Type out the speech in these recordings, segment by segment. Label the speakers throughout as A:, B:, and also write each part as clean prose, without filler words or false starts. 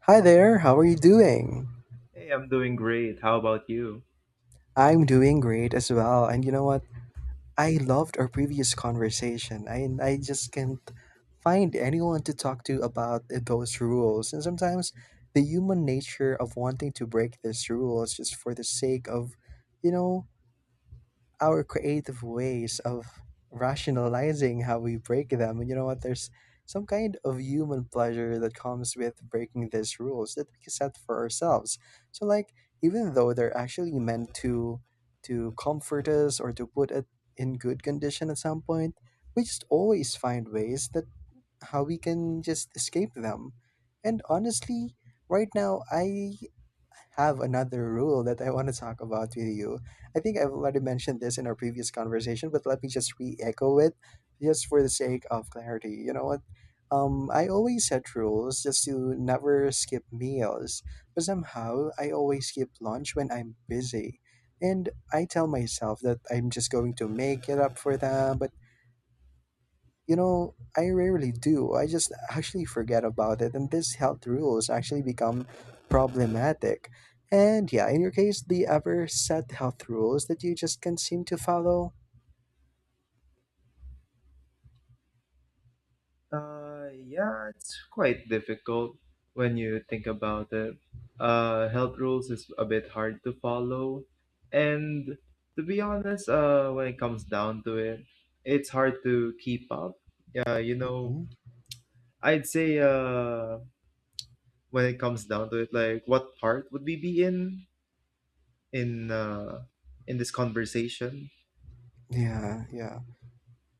A: Hi there, how are you doing?
B: Hey, I'm doing great. How about you?
A: I'm doing great as well. And you know what? I loved our previous conversation. I just can't find anyone to talk to about those rules. And sometimes the human nature of wanting to break these rules just for the sake of, you know, our creative ways of rationalizing how we break them. And you know what? There's some kind of human pleasure that comes with breaking these rules that we set for ourselves. So, like, even though they're actually meant to comfort us or to put it in good condition at some point, we just always find ways that how we can just escape them. And honestly, right now, I have another rule that I want to talk about with you. I think I've already mentioned this in our previous conversation, but let me just re echo it just for the sake of clarity. You know what? I always set rules just to never skip meals, but somehow I always skip lunch when I'm busy. And I tell myself that I'm just going to make it up for them, but I rarely do. I just actually forget about it, and these health rules actually become problematic. And yeah, in your case, do you ever set health rules that you just can't seem to follow?
B: Yeah, it's quite difficult when you think about it. Health rules is a bit hard to follow. And to be honest, when it comes down to it, it's hard to keep up. Yeah, you know,
A: Mhm.
B: I'd say when it comes down to it, like what part would we be in in in this conversation?
A: Yeah, yeah.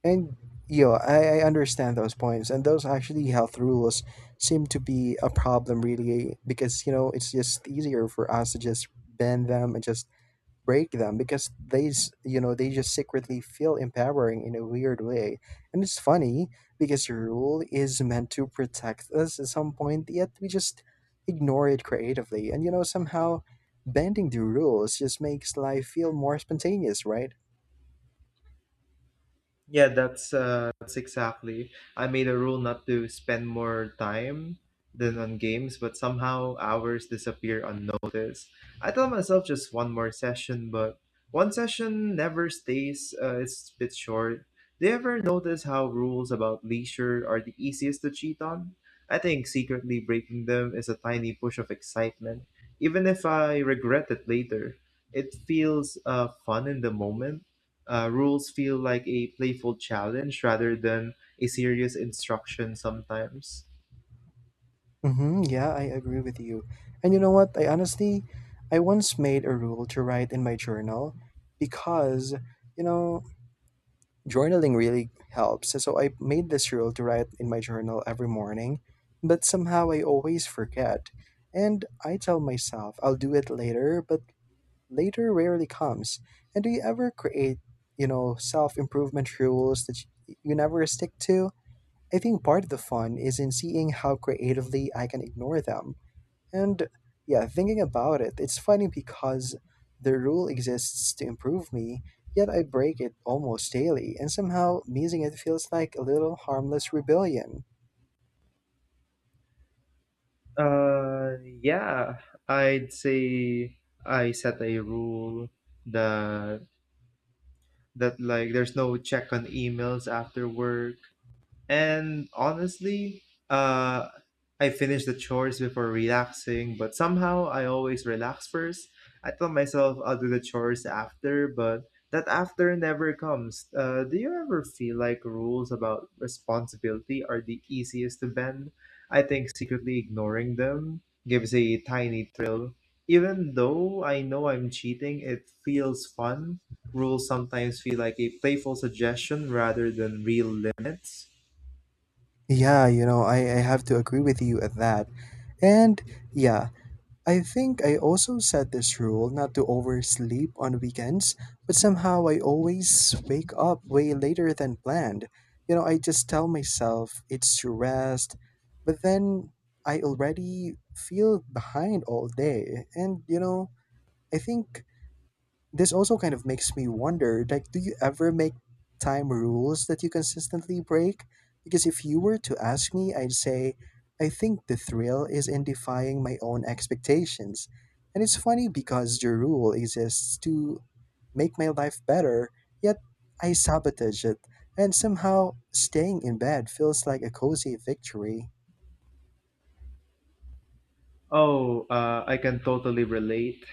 A: And yo, I understand those points. And those actually health rules seem to be a problem really because, you know, it's just easier for us to just bend them and just break them because you know, they just secretly feel empowering in a weird way. And it's funny because the rule is meant to protect us at some point, yet we just ignore it creatively. And, you know, somehow bending the rules just makes life feel more spontaneous, right?
B: Yeah, that's exactly. I made a rule not to spend more time than on games, but somehow hours disappear unnoticed. I tell myself just one more session, but one session never stays. It's a bit short. Do you ever notice how rules about leisure are the easiest to cheat on? I think secretly breaking them is a tiny push of excitement, even if I regret it later. It feels fun in the moment rules feel like a playful challenge rather than a serious instruction sometimes.
A: Yeah, I agree with you. And you know what? I honestly, I once made a rule to write in my journal because, you know, journaling really helps. So I made this rule to write in my journal every morning, but somehow I always forget. And I tell myself I'll do it later, but later rarely comes. And do you ever create, you know, self improvement rules that you never stick to? I think part of the fun is in seeing how creatively I can ignore them and yeah, thinking about it, it's funny because the rule exists to improve me, yet I break it almost daily, and somehow missing it feels like a little harmless rebellion.
B: Yeah, I'd say I set a rule that that like there's no check on emails after work. And honestly, uh, I finish the chores before relaxing, but somehow I always relax first. I tell myself I'll do the chores after, but that after never comes. Do you ever feel like rules about responsibility are the easiest to bend? I think secretly ignoring them gives a tiny thrill. Even though I know I'm cheating, it feels fun. Rules sometimes feel like a playful suggestion rather than real limits.
A: Yeah, you know, I have to agree with you at that. And yeah, I think I also set this rule not to oversleep on weekends, but somehow I always wake up way later than planned. You know, I just tell myself it's to rest, but then I already feel behind all day. And, you know, I think this also kind of makes me wonder like, do you ever make time rules that you consistently break? Because if you were to ask me, I'd say, I think the thrill is in defying my own expectations. And it's funny because your rule exists to make my life better, yet I sabotage it. And somehow staying in bed feels like a cozy victory.
B: Oh, I can totally relate.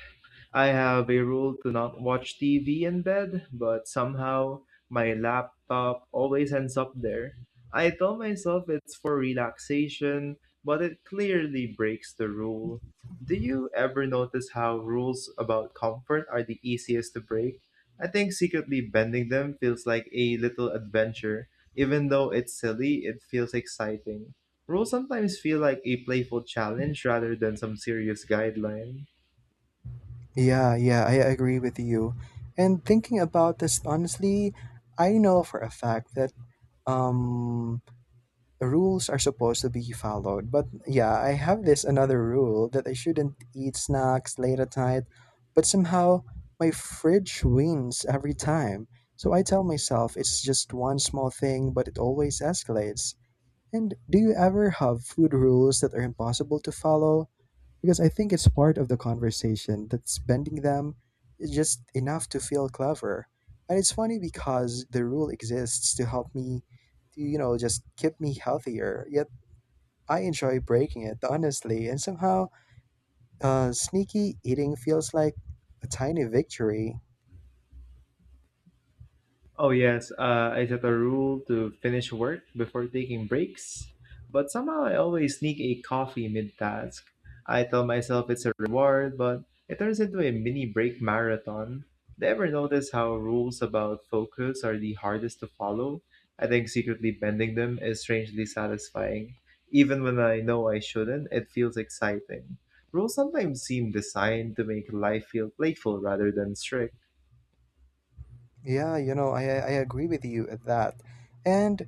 B: I have a rule to not watch TV in bed, but somehow my laptop always ends up there. I tell myself it's for relaxation, but it clearly breaks the rule. Do you ever notice how rules about comfort are the easiest to break? I think secretly bending them feels like a little adventure. Even though it's silly, it feels exciting. Rules sometimes feel like a playful challenge rather than some serious guideline.
A: Yeah, yeah, I agree with you. And thinking about this honestly, I know for a fact that um rules are supposed to be followed, but yeah, I have this another rule that I shouldn't eat snacks late at night, but somehow my fridge wins every time. So I tell myself it's just one small thing, but it always escalates. And do you ever have food rules that are impossible to follow? Because I think it's part of the conversation that's bending them just enough to feel clever. And it's funny because the rule exists to help me, to, you know, just keep me healthier. Yet I enjoy breaking it, honestly. And somehow, sneaky eating feels like a tiny victory.
B: Oh yes, I set a rule to finish work before taking breaks, but somehow I always sneak a coffee mid-task. I tell myself it's a reward, but it turns into a mini break marathon. Do you ever notice how rules about focus are the hardest to follow? I think secretly bending them is strangely satisfying. Even when I know I shouldn't, it feels exciting. Rules sometimes seem designed to make life feel playful rather than strict.
A: Yeah, you know, I agree with you at that. And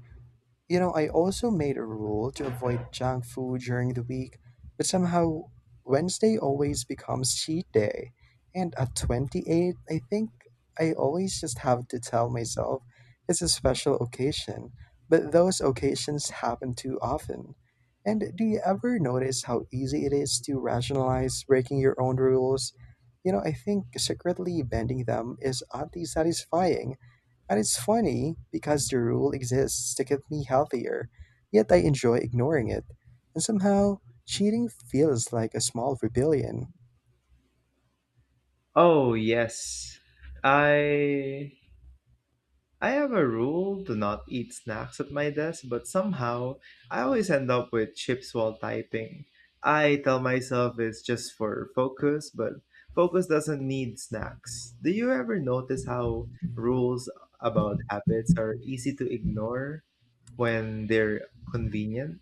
A: you know, I also made a rule to avoid junk food during the week, but somehow Wednesday always becomes cheat day. And at 28, I think I always just have to tell myself it's a special occasion, but those occasions happen too often. And do you ever notice how easy it is to rationalize breaking your own rules? You know, I think secretly bending them is oddly satisfying, and it's funny because the rule exists to keep me healthier, yet I enjoy ignoring it. And somehow, cheating feels like a small rebellion.
B: Oh, yes. I I have a rule to not eat snacks at my desk, but somehow I always end up with chips while typing. I tell myself it's just for focus, but focus doesn't need snacks. Do you ever notice how rules about habits are easy to ignore when they're convenient?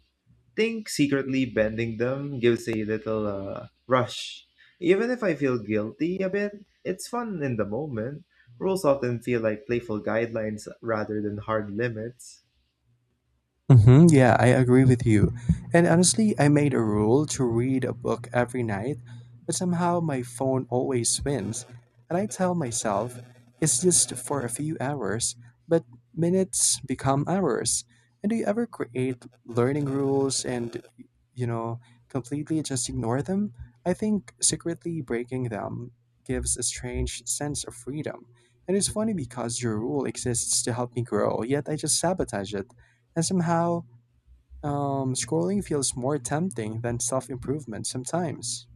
B: Think secretly bending them gives a little rush. Even if I feel guilty a bit, it's fun in the moment. Rules often feel like playful guidelines rather than hard limits.
A: Yeah, I agree with you. And honestly, I made a rule to read a book every night, but somehow my phone always wins. And I tell myself, it's just for a few hours, but minutes become hours. And do you ever create learning rules and, you know, completely just ignore them? I think secretly breaking them gives a strange sense of freedom. And it's funny because your rule exists to help me grow, yet I just sabotage it. And somehow, scrolling feels more tempting than self improvement sometimes.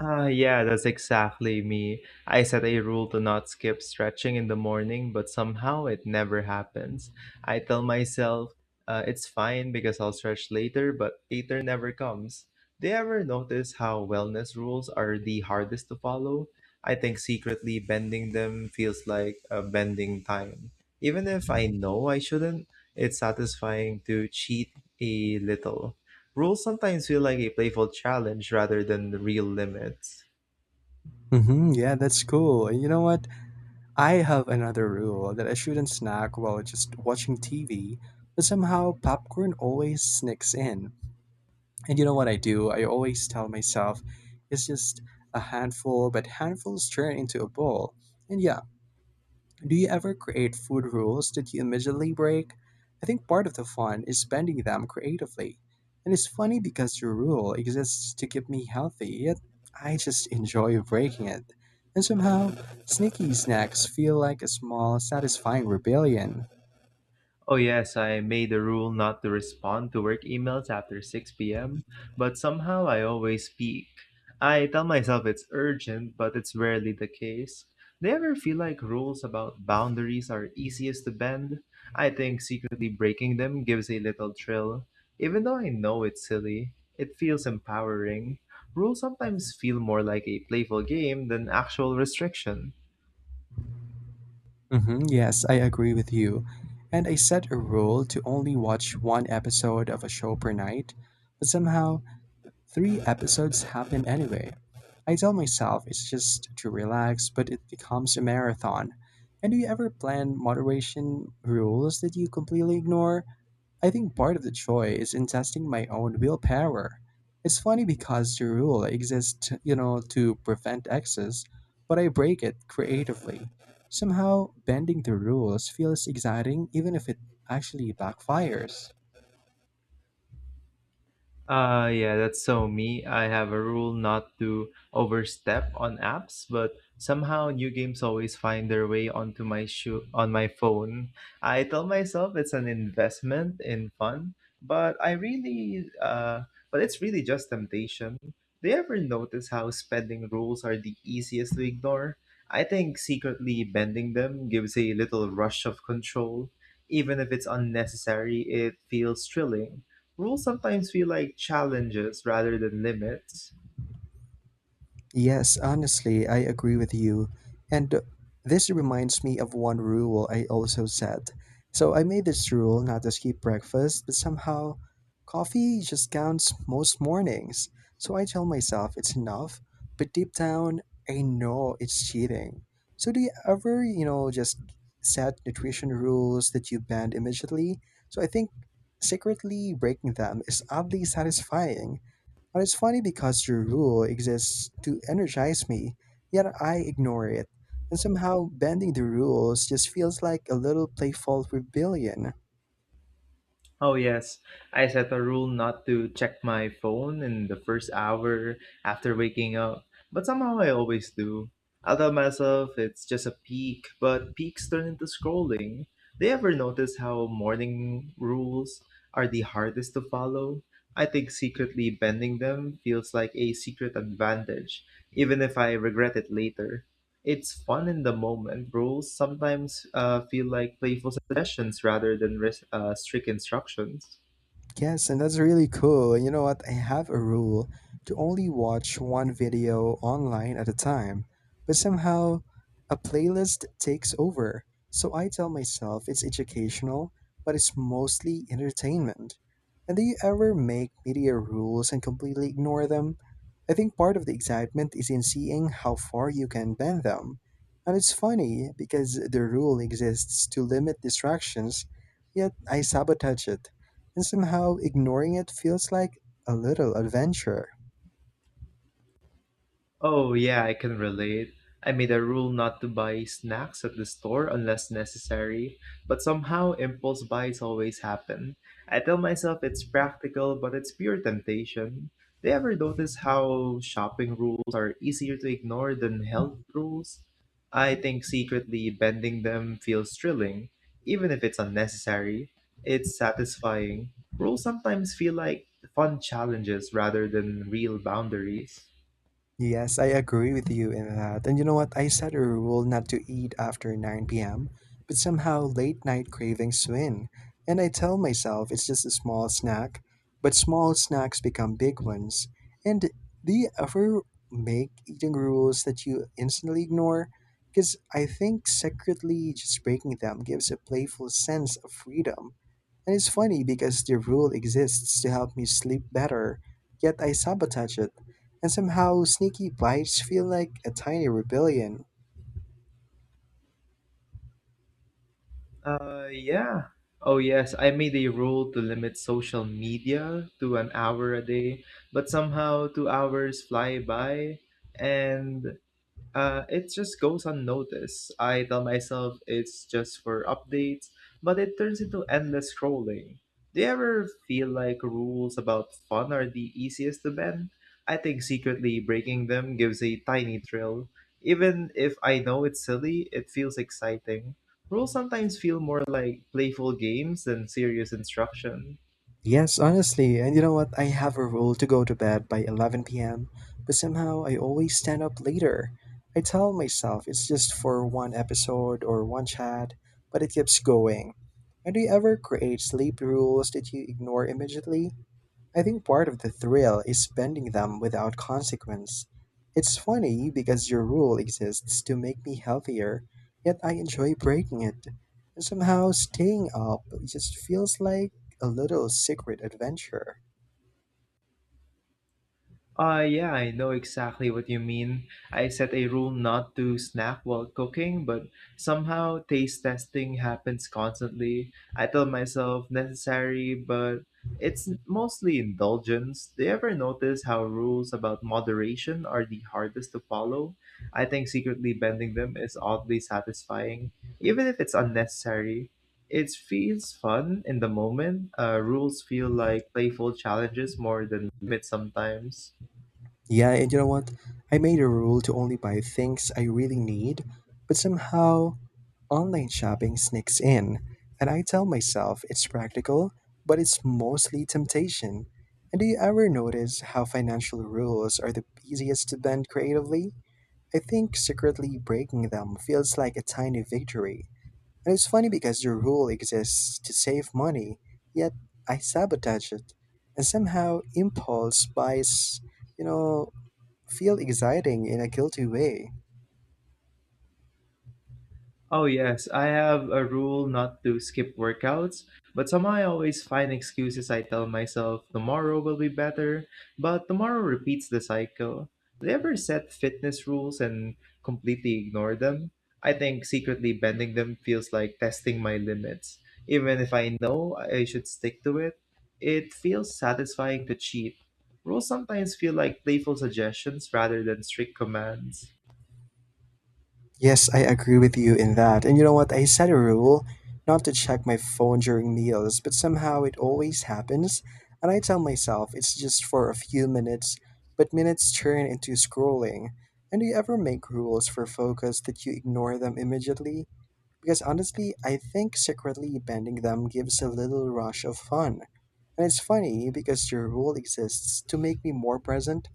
B: Ah, yeah, that's exactly me. I set a rule to not skip stretching in the morning, but somehow it never happens. I tell myself it's fine because I'll stretch later, but later never comes. Do you ever notice how wellness rules are the hardest to follow? I think secretly bending them feels like bending time. Even if I know I shouldn't, it's satisfying to cheat a little. Rules sometimes feel like a playful challenge rather than the real limits.
A: Yeah, that's cool. And you know what? I have another rule that I shouldn't snack while just watching TV, but somehow popcorn always sneaks in. And you know what I do? I always tell myself it's just a handful, but handfuls turn into a bowl. And yeah, do you ever create food rules that you immediately break? I think part of the fun is bending them creatively. And it's funny because your rule exists to keep me healthy, yet I just enjoy breaking it. And somehow, sneaky snacks feel like a small, satisfying rebellion.
B: Oh, yes, I made a rule not to respond to work emails after 6 p.m., but somehow I always peek. I tell myself it's urgent, but it's rarely the case. Do you ever feel like rules about boundaries are easiest to bend? I think secretly breaking them gives a little thrill. Even though I know it's silly, it feels empowering. Rules sometimes feel more like a playful game than actual restriction.
A: Yes, I agree with you. And I set a rule to only watch one episode of a show per night, but somehow, three episodes happen anyway. I tell myself it's just to relax, but it becomes a marathon. And do you ever plan moderation rules that you completely ignore? I think part of the joy is in testing my own willpower. It's funny because the rule exists, you know, to prevent excess, but I break it creatively. Somehow, bending the rules feels exciting even if it actually backfires.
B: Yeah, that's so me. I have a rule not to overstep on apps, but somehow new games always find their way onto my shoe on my phone. I tell myself it's an investment in fun, but I really but it's really just temptation. Do you ever notice how spending rules are the easiest to ignore? I think secretly bending them gives a little rush of control. Even if it's unnecessary, it feels thrilling. Rules sometimes feel like challenges rather than limits.
A: Yes, honestly, I agree with you. And this reminds me of one rule I also set. So I made this rule not to skip breakfast, but somehow coffee just counts most mornings. So I tell myself it's enough, but deep down, I know it's cheating. So do you ever, you know, just set nutrition rules that you bend immediately? So I think secretly breaking them is oddly satisfying, and it's funny because your rule exists to energize me, yet I ignore it. And somehow, bending the rules just feels like a little playful rebellion.
B: Oh, yes, I set a rule not to check my phone in the first hour after waking up, but somehow I always do. I'll tell myself it's just a peak, but peaks turn into scrolling. Do you ever notice how morning rules are the hardest to follow? I think secretly bending them feels like a secret advantage, even if I regret it later. It's fun in the moment. Rules sometimes feel like playful suggestions rather than strict instructions.
A: Yes, and that's really cool. You know what? I have a rule to only watch one video online at a time, but somehow a playlist takes over. So I tell myself it's educational, but it's mostly entertainment. And do you ever make media rules and completely ignore them? I think part of the excitement is in seeing how far you can bend them. And it's funny because the rule exists to limit distractions, yet I sabotage it, and somehow ignoring it feels like a little adventure.
B: Oh, yeah, I can relate. I made a rule not to buy snacks at the store unless necessary, but somehow impulse buys always happen. I tell myself it's practical, but it's pure temptation. Do you ever notice how shopping rules are easier to ignore than health rules? I think secretly bending them feels thrilling, even if it's unnecessary. It's satisfying. Rules sometimes feel like fun challenges rather than real boundaries.
A: Yes, I agree with you in that. And you know what? I set a rule not to eat after 9 p.m., but somehow late night cravings win. And I tell myself it's just a small snack, but small snacks become big ones. And do you ever make eating rules that you instantly ignore? Because I think secretly just breaking them gives a playful sense of freedom. And it's funny because the rule exists to help me sleep better, yet I sabotage it, and somehow sneaky bites feel like a tiny rebellion.
B: Uh, yeah. Oh, yes, I made a rule to limit social media to an hour a day, but somehow 2 hours fly by, and it just goes unnoticed. I tell myself it's just for updates, but it turns into endless scrolling. Do you ever feel like rules about fun are the easiest to bend? I think secretly breaking them gives a tiny thrill. Even if I know it's silly, it feels exciting. Rules sometimes feel more like playful games than serious instruction.
A: Yes, honestly, and you know what? I have a rule to go to bed by 11 p.m., but somehow I always stand up later. I tell myself it's just for one episode or one chat, but it keeps going. And do you ever create sleep rules that you ignore immediately? I think part of the thrill is spending them without consequence. It's funny because your rule exists to make me healthier, yet I enjoy breaking it. And somehow staying up just feels like a little secret adventure.
B: Yeah, I know exactly what you mean. I set a rule not to snack while cooking, but somehow taste testing happens constantly. I tell myself necessary, but it's mostly indulgence. Do you ever notice how rules about moderation are the hardest to follow? I think secretly bending them is oddly satisfying, even if it's unnecessary. It feels fun in the moment. Rules feel like playful challenges more than limits sometimes.
A: Yeah, and you know what? I made a rule to only buy things I really need, but somehow online shopping sneaks in, and I tell myself it's practical, but it's mostly temptation. And do you ever notice how financial rules are the easiest to bend creatively? I think secretly breaking them feels like a tiny victory. And it's funny because the rule exists to save money, yet I sabotage it. And somehow impulse buys, you know, feel exciting in a guilty way.
B: Oh, yes, I have a rule not to skip workouts, but somehow I always find excuses. I tell myself tomorrow will be better, but tomorrow repeats the cycle. Do you ever set fitness rules and completely ignore them? I think secretly bending them feels like testing my limits. Even if I know I should stick to it, it feels satisfying to cheat. Rules sometimes feel like playful suggestions rather than strict commands.
A: Yes, I agree with you in that. And you know what? I set a rule not to check my phone during meals, but somehow it always happens. And I tell myself it's just for a few minutes, but minutes turn into scrolling. And do you ever make rules for focus that you ignore them immediately? Because honestly, I think secretly bending them gives a little rush of fun. And it's funny because your rule exists to make me more present,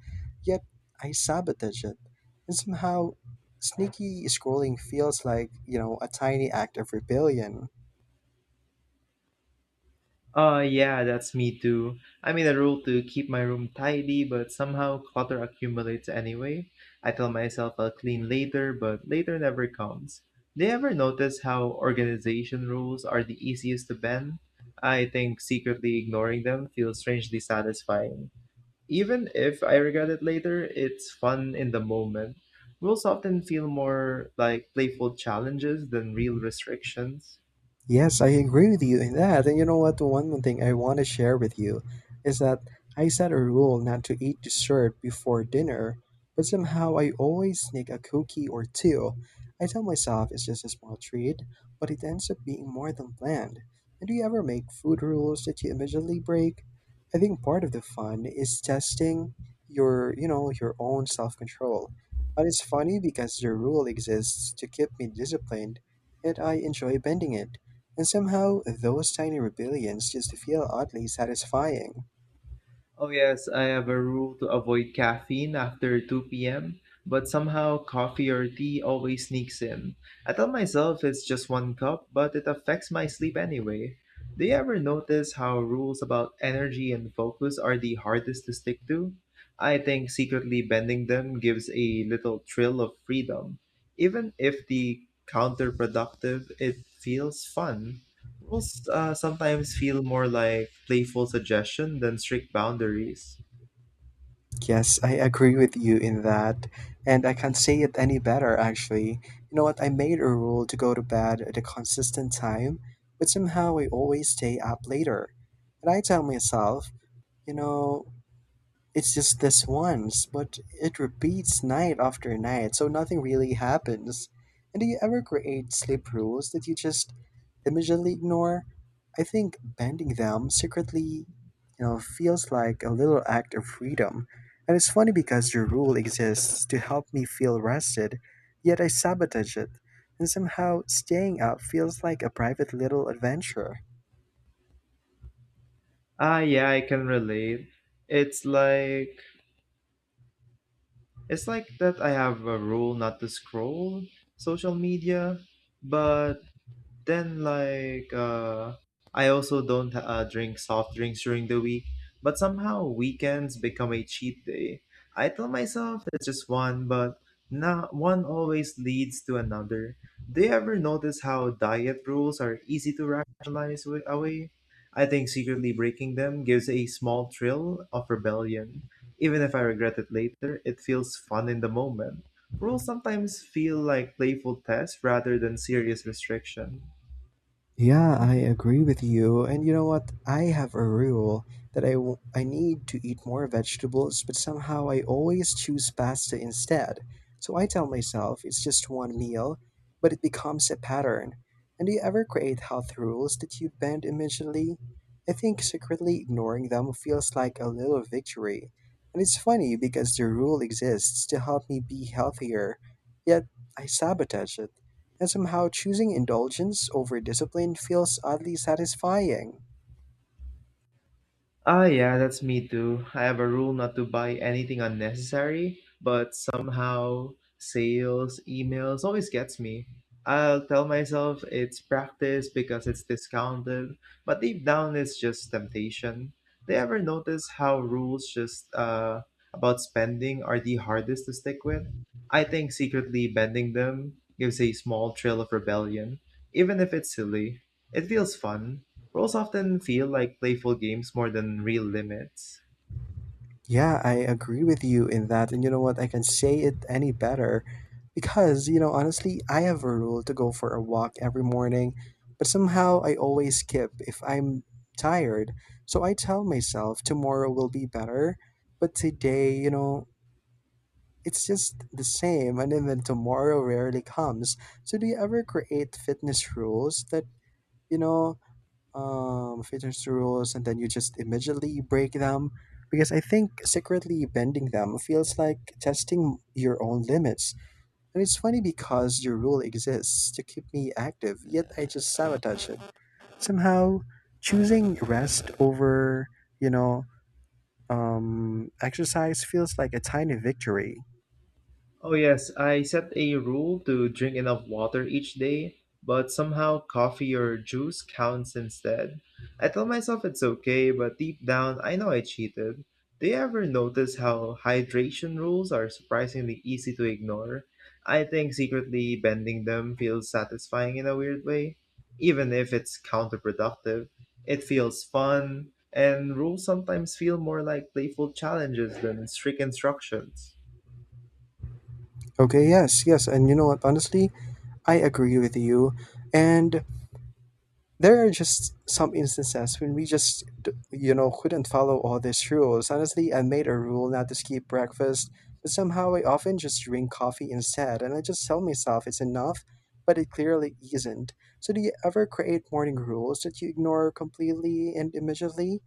A: yet I sabotage it. And somehow, sneaky scrolling feels like, a tiny act of rebellion.
B: Yeah, that's me too. I made a rule to keep my room tidy, but somehow clutter accumulates anyway. I tell myself I'll clean later, but later never comes. Do you ever notice how organization rules are the easiest to bend? I think secretly ignoring them feels strangely satisfying. Even if I regret it later, it's fun in the moment. Rules often feel more like playful challenges than real restrictions.
A: Yes, I agree with you in that. And you know what? One more thing I want to share with you is that I set a rule not to eat dessert before dinner, but somehow I always sneak a cookie or two. I tell myself it's just a small treat, but it ends up being more than planned. And do you ever make food rules that you immediately break? I think part of the fun is testing your own self-control. But it's funny because the rule exists to keep me disciplined, and I enjoy bending it. And somehow, those tiny rebellions just feel oddly satisfying.
B: Oh, yes, I have a rule to avoid caffeine after 2 p.m., but somehow coffee or tea always sneaks in. I tell myself it's just one cup, but it affects my sleep anyway. Do you ever notice how rules about energy and focus are the hardest to stick to? I think secretly bending them gives a little thrill of freedom. Even if the counterproductive, it feels fun. Rules sometimes feel more like playful suggestion than strict boundaries.
A: Yes, I agree with you in that. And I can't say it any better, actually. You know what? I made a rule to go to bed at a consistent time, but somehow I always stay up later. And I tell myself, you know, it's just this once, but it repeats night after night, so nothing really happens. And do you ever create sleep rules that you just immediately ignore? I think bending them secretly, feels like a little act of freedom. And it's funny because your rule exists to help me feel rested, yet I sabotage it. And somehow staying up feels like a private little adventure.
B: Ah, yeah, I can relate. It's like it's like that I have a rule not to scroll social media, but then like I also don't drink soft drinks during the week, but somehow weekends become a cheat day. I tell myself it's just one, but not one always leads to another. Do you ever notice how diet rules are easy to rationalize away? I think secretly breaking them gives a small thrill of rebellion. Even if I regret it later, it feels fun in the moment. Rules sometimes feel like playful tests rather than serious restriction.
A: Yeah, I agree with you. And you know what? I have a rule that I need to eat more vegetables, but somehow I always choose pasta instead. So I tell myself it's just one meal, but it becomes a pattern. And do you ever create health rules that you bend immediately? I think secretly ignoring them feels like a little victory. And it's funny because the rule exists to help me be healthier, yet I sabotage it, and somehow choosing indulgence over discipline feels oddly satisfying.
B: Ah, yeah, that's me too. I have a rule not to buy anything unnecessary, but somehow sales, emails always gets me. I'll tell myself it's practice because it's discounted, but deep down it's just temptation. They ever notice how rules just about spending are the hardest to stick with? I think secretly bending them gives a small thrill of rebellion, even if it's silly. It feels fun, roles often feel like playful games more than real limits.
A: Yeah, I agree with you in that. And you know what? I can say it any better because, honestly, I have a rule to go for a walk every morning, but somehow I always skip if I'm tired. So I tell myself tomorrow will be better, but today, it's just the same. And even tomorrow rarely comes. So do you ever create fitness rules that, you know, fitness to rules and then you just immediately break them because I think secretly bending them feels like testing your own limits. And it's funny because your rule exists to keep me active, yet I just sabotage it. Somehow, choosing rest over, you know, exercise feels like a tiny victory.
B: Oh, yes, I set a rule to drink enough water each day, but somehow coffee or juice counts instead. I tell myself it's okay, but deep down, I know I cheated. Do you ever notice how hydration rules are surprisingly easy to ignore? I think secretly bending them feels satisfying in a weird way, even if it's counterproductive. It feels fun, and rules sometimes feel more like playful challenges than strict instructions.
A: Okay, yes, yes, and you know what? Honestly, I agree with you. And there are just some instances when we just, couldn't follow all these rules. Honestly, I made a rule not to skip breakfast, but somehow I often just drink coffee instead, and I just tell myself it's enough, but it clearly isn't. So, do you ever create morning rules that you ignore completely and immediately?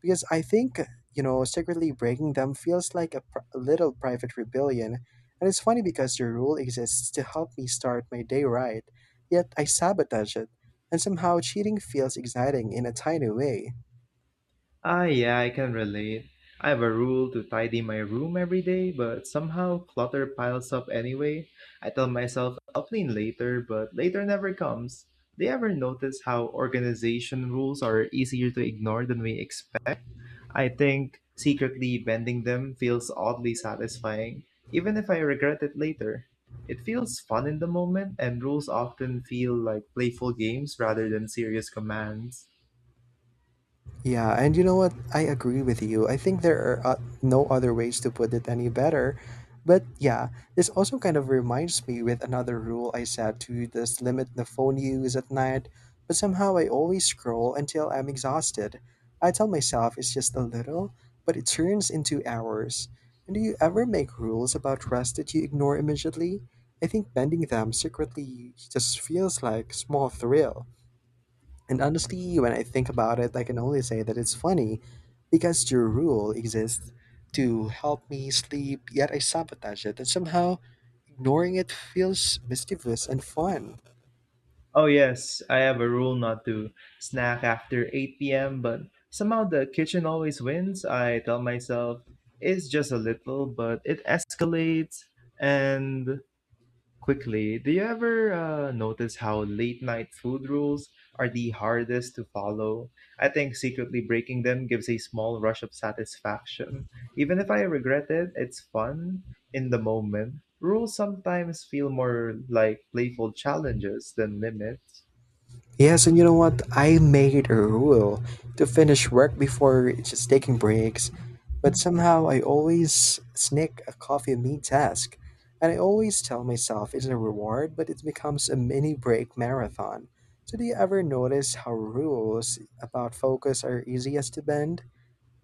A: Because I think, secretly breaking them feels like a a little private rebellion. And it's funny because the rule exists to help me start my day right, yet I sabotage it. And somehow cheating feels exciting in a tiny way.
B: Ah, yeah, I can relate. I have a rule to tidy my room every day, but somehow clutter piles up anyway. I tell myself I'll clean later, but later never comes. Do you ever notice how organization rules are easier to ignore than we expect? I think secretly bending them feels oddly satisfying, even if I regret it later. It feels fun in the moment, and rules often feel like playful games rather than serious commands.
A: Yeah, and you know what? I agree with you. I think there are no other ways to put it any better. But yeah, this also kind of reminds me with another rule I set to just limit the phone use at night, but somehow I always scroll until I'm exhausted. I tell myself it's just a little, but it turns into hours. And do you ever make rules about rest that you ignore immediately? I think bending them secretly just feels like small thrill. And honestly, when I think about it, I can only say that it's funny because your rule exists to help me sleep, yet I sabotage it, and somehow ignoring it feels mischievous and fun.
B: Oh yes, I have a rule not to snack after 8 p.m., but somehow the kitchen always wins. I tell myself it's just a little, but it escalates and quickly. Do you ever notice how late night food rules are the hardest to follow? I think secretly breaking them gives a small rush of satisfaction. Even if I regret it, it's fun in the moment. Rules sometimes feel more like playful challenges than limits.
A: Yes, and you know what? I made it a rule to finish work before just taking breaks, but somehow I always sneak a coffee meet task. And I always tell myself it's a reward, but it becomes a mini break marathon. So, do you ever notice how rules about focus are easiest to bend?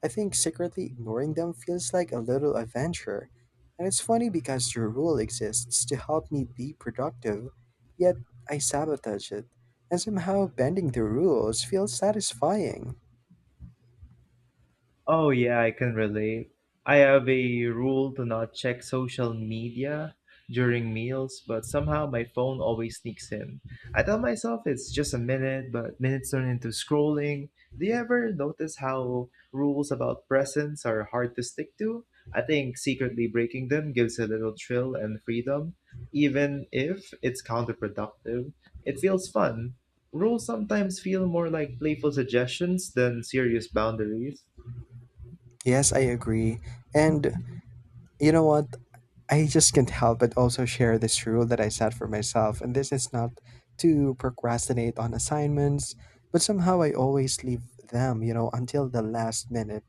A: I think secretly ignoring them feels like a little adventure. And it's funny because your rule exists to help me be productive, yet I sabotage it. And somehow bending the rules feels satisfying.
B: Oh, yeah, I can relate. I have a rule to not check social media during meals, but somehow my phone always sneaks in. I tell myself it's just a minute, but minutes turn into scrolling. Do you ever notice how rules about presents are hard to stick to? I think secretly breaking them gives a little thrill and freedom, even if it's counterproductive. It feels fun. Rules sometimes feel more like playful suggestions than serious boundaries.
A: Yes, I agree. And you know what? I just can't help but also share this rule that I set for myself, and this is not to procrastinate on assignments, but somehow I always leave them until the last minute.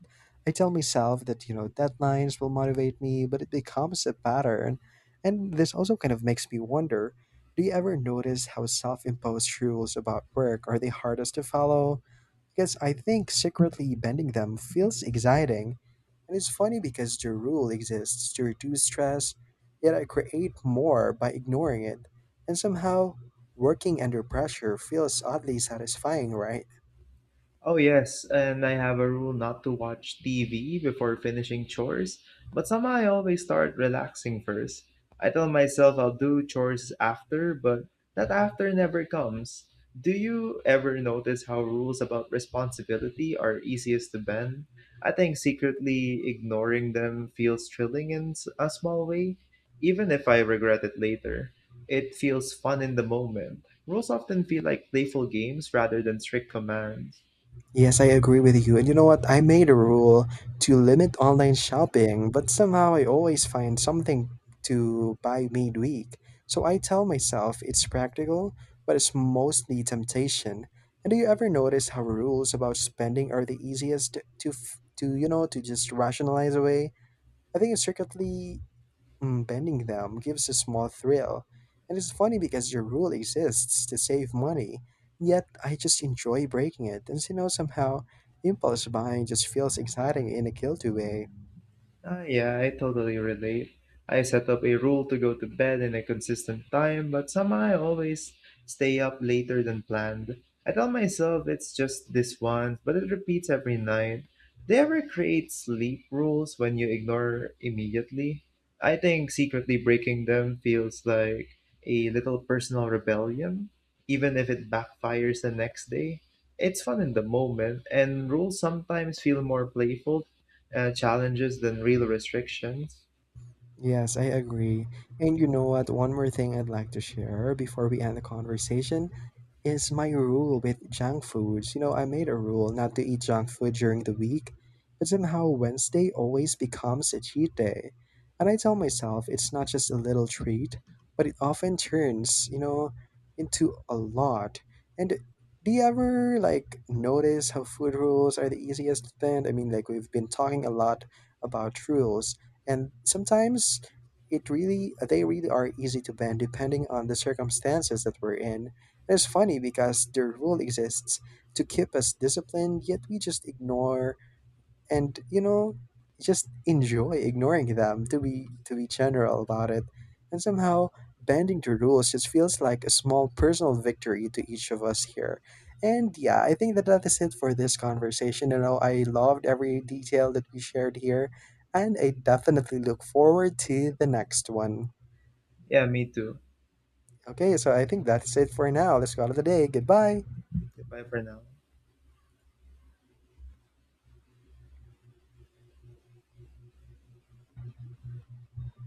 A: I tell myself that deadlines will motivate me, but it becomes a pattern. And this also kind of makes me wonder, do you ever notice how self imposed rules about work are the hardest to follow? Because I think secretly bending them feels exciting, and it's funny because the rule exists to reduce stress, yet I create more by ignoring it. And somehow, working under pressure feels oddly satisfying, right?
B: Oh, yes, and I have a rule not to watch TV before finishing chores, but somehow I always start relaxing first. I tell myself I'll do chores after, but that after never comes. Do you ever notice how rules about responsibility are easiest to bend? I think secretly ignoring them feels thrilling in a small way, even if I regret it later. It feels fun in the moment. Rules often feel like playful games rather than strict commands.
A: Yes, I agree with you. And you know what? I made a rule to limit online shopping, but somehow I always find something to buy midweek. So I tell myself it's practical, but it's mostly temptation. And do you ever notice how rules about spending are the easiest to to just rationalize away? I think circuitly bending them gives a small thrill, and it's funny because the rule exists to save money, yet I just enjoy breaking it, and somehow impulse buying just feels exciting in a guilty way.
B: Ah, yeah, I totally relate. I set up a rule to go to bed in a consistent time, but somehow I always stay up later than planned. I tell myself it's just this once, but it repeats every night. They ever create sleep rules when you ignore immediately? I think secretly breaking them feels like a little personal rebellion, even if it backfires the next day. It's fun in the moment, and rules sometimes feel more playful challenges than real restrictions.
A: Yes, I agree. And you know what? One more thing I'd like to share before we end the conversation is my rule with junk foods. You know, I made a rule not to eat junk food during the week, but somehow Wednesday always becomes a cheat day. And I tell myself it's not just a little treat, but it often turns into a lot. And do you ever like notice how food rules are the easiest to bend? I mean, like we've been talking a lot about rules, and sometimes it really they really are easy to bend depending on the circumstances that we're in. It's funny because the rule exists to keep us disciplined, yet we just ignore and just enjoy ignoring them to be general about it. And somehow bending to rules just feels like a small personal victory to each of us here. And yeah, I think that is it for this conversation. You know, I loved every detail that we shared here, and I definitely look forward to the next one.
B: Yeah, me too.
A: Okay, so I think that's it for now. Let's go out of the day. Goodbye.
B: Goodbye for now.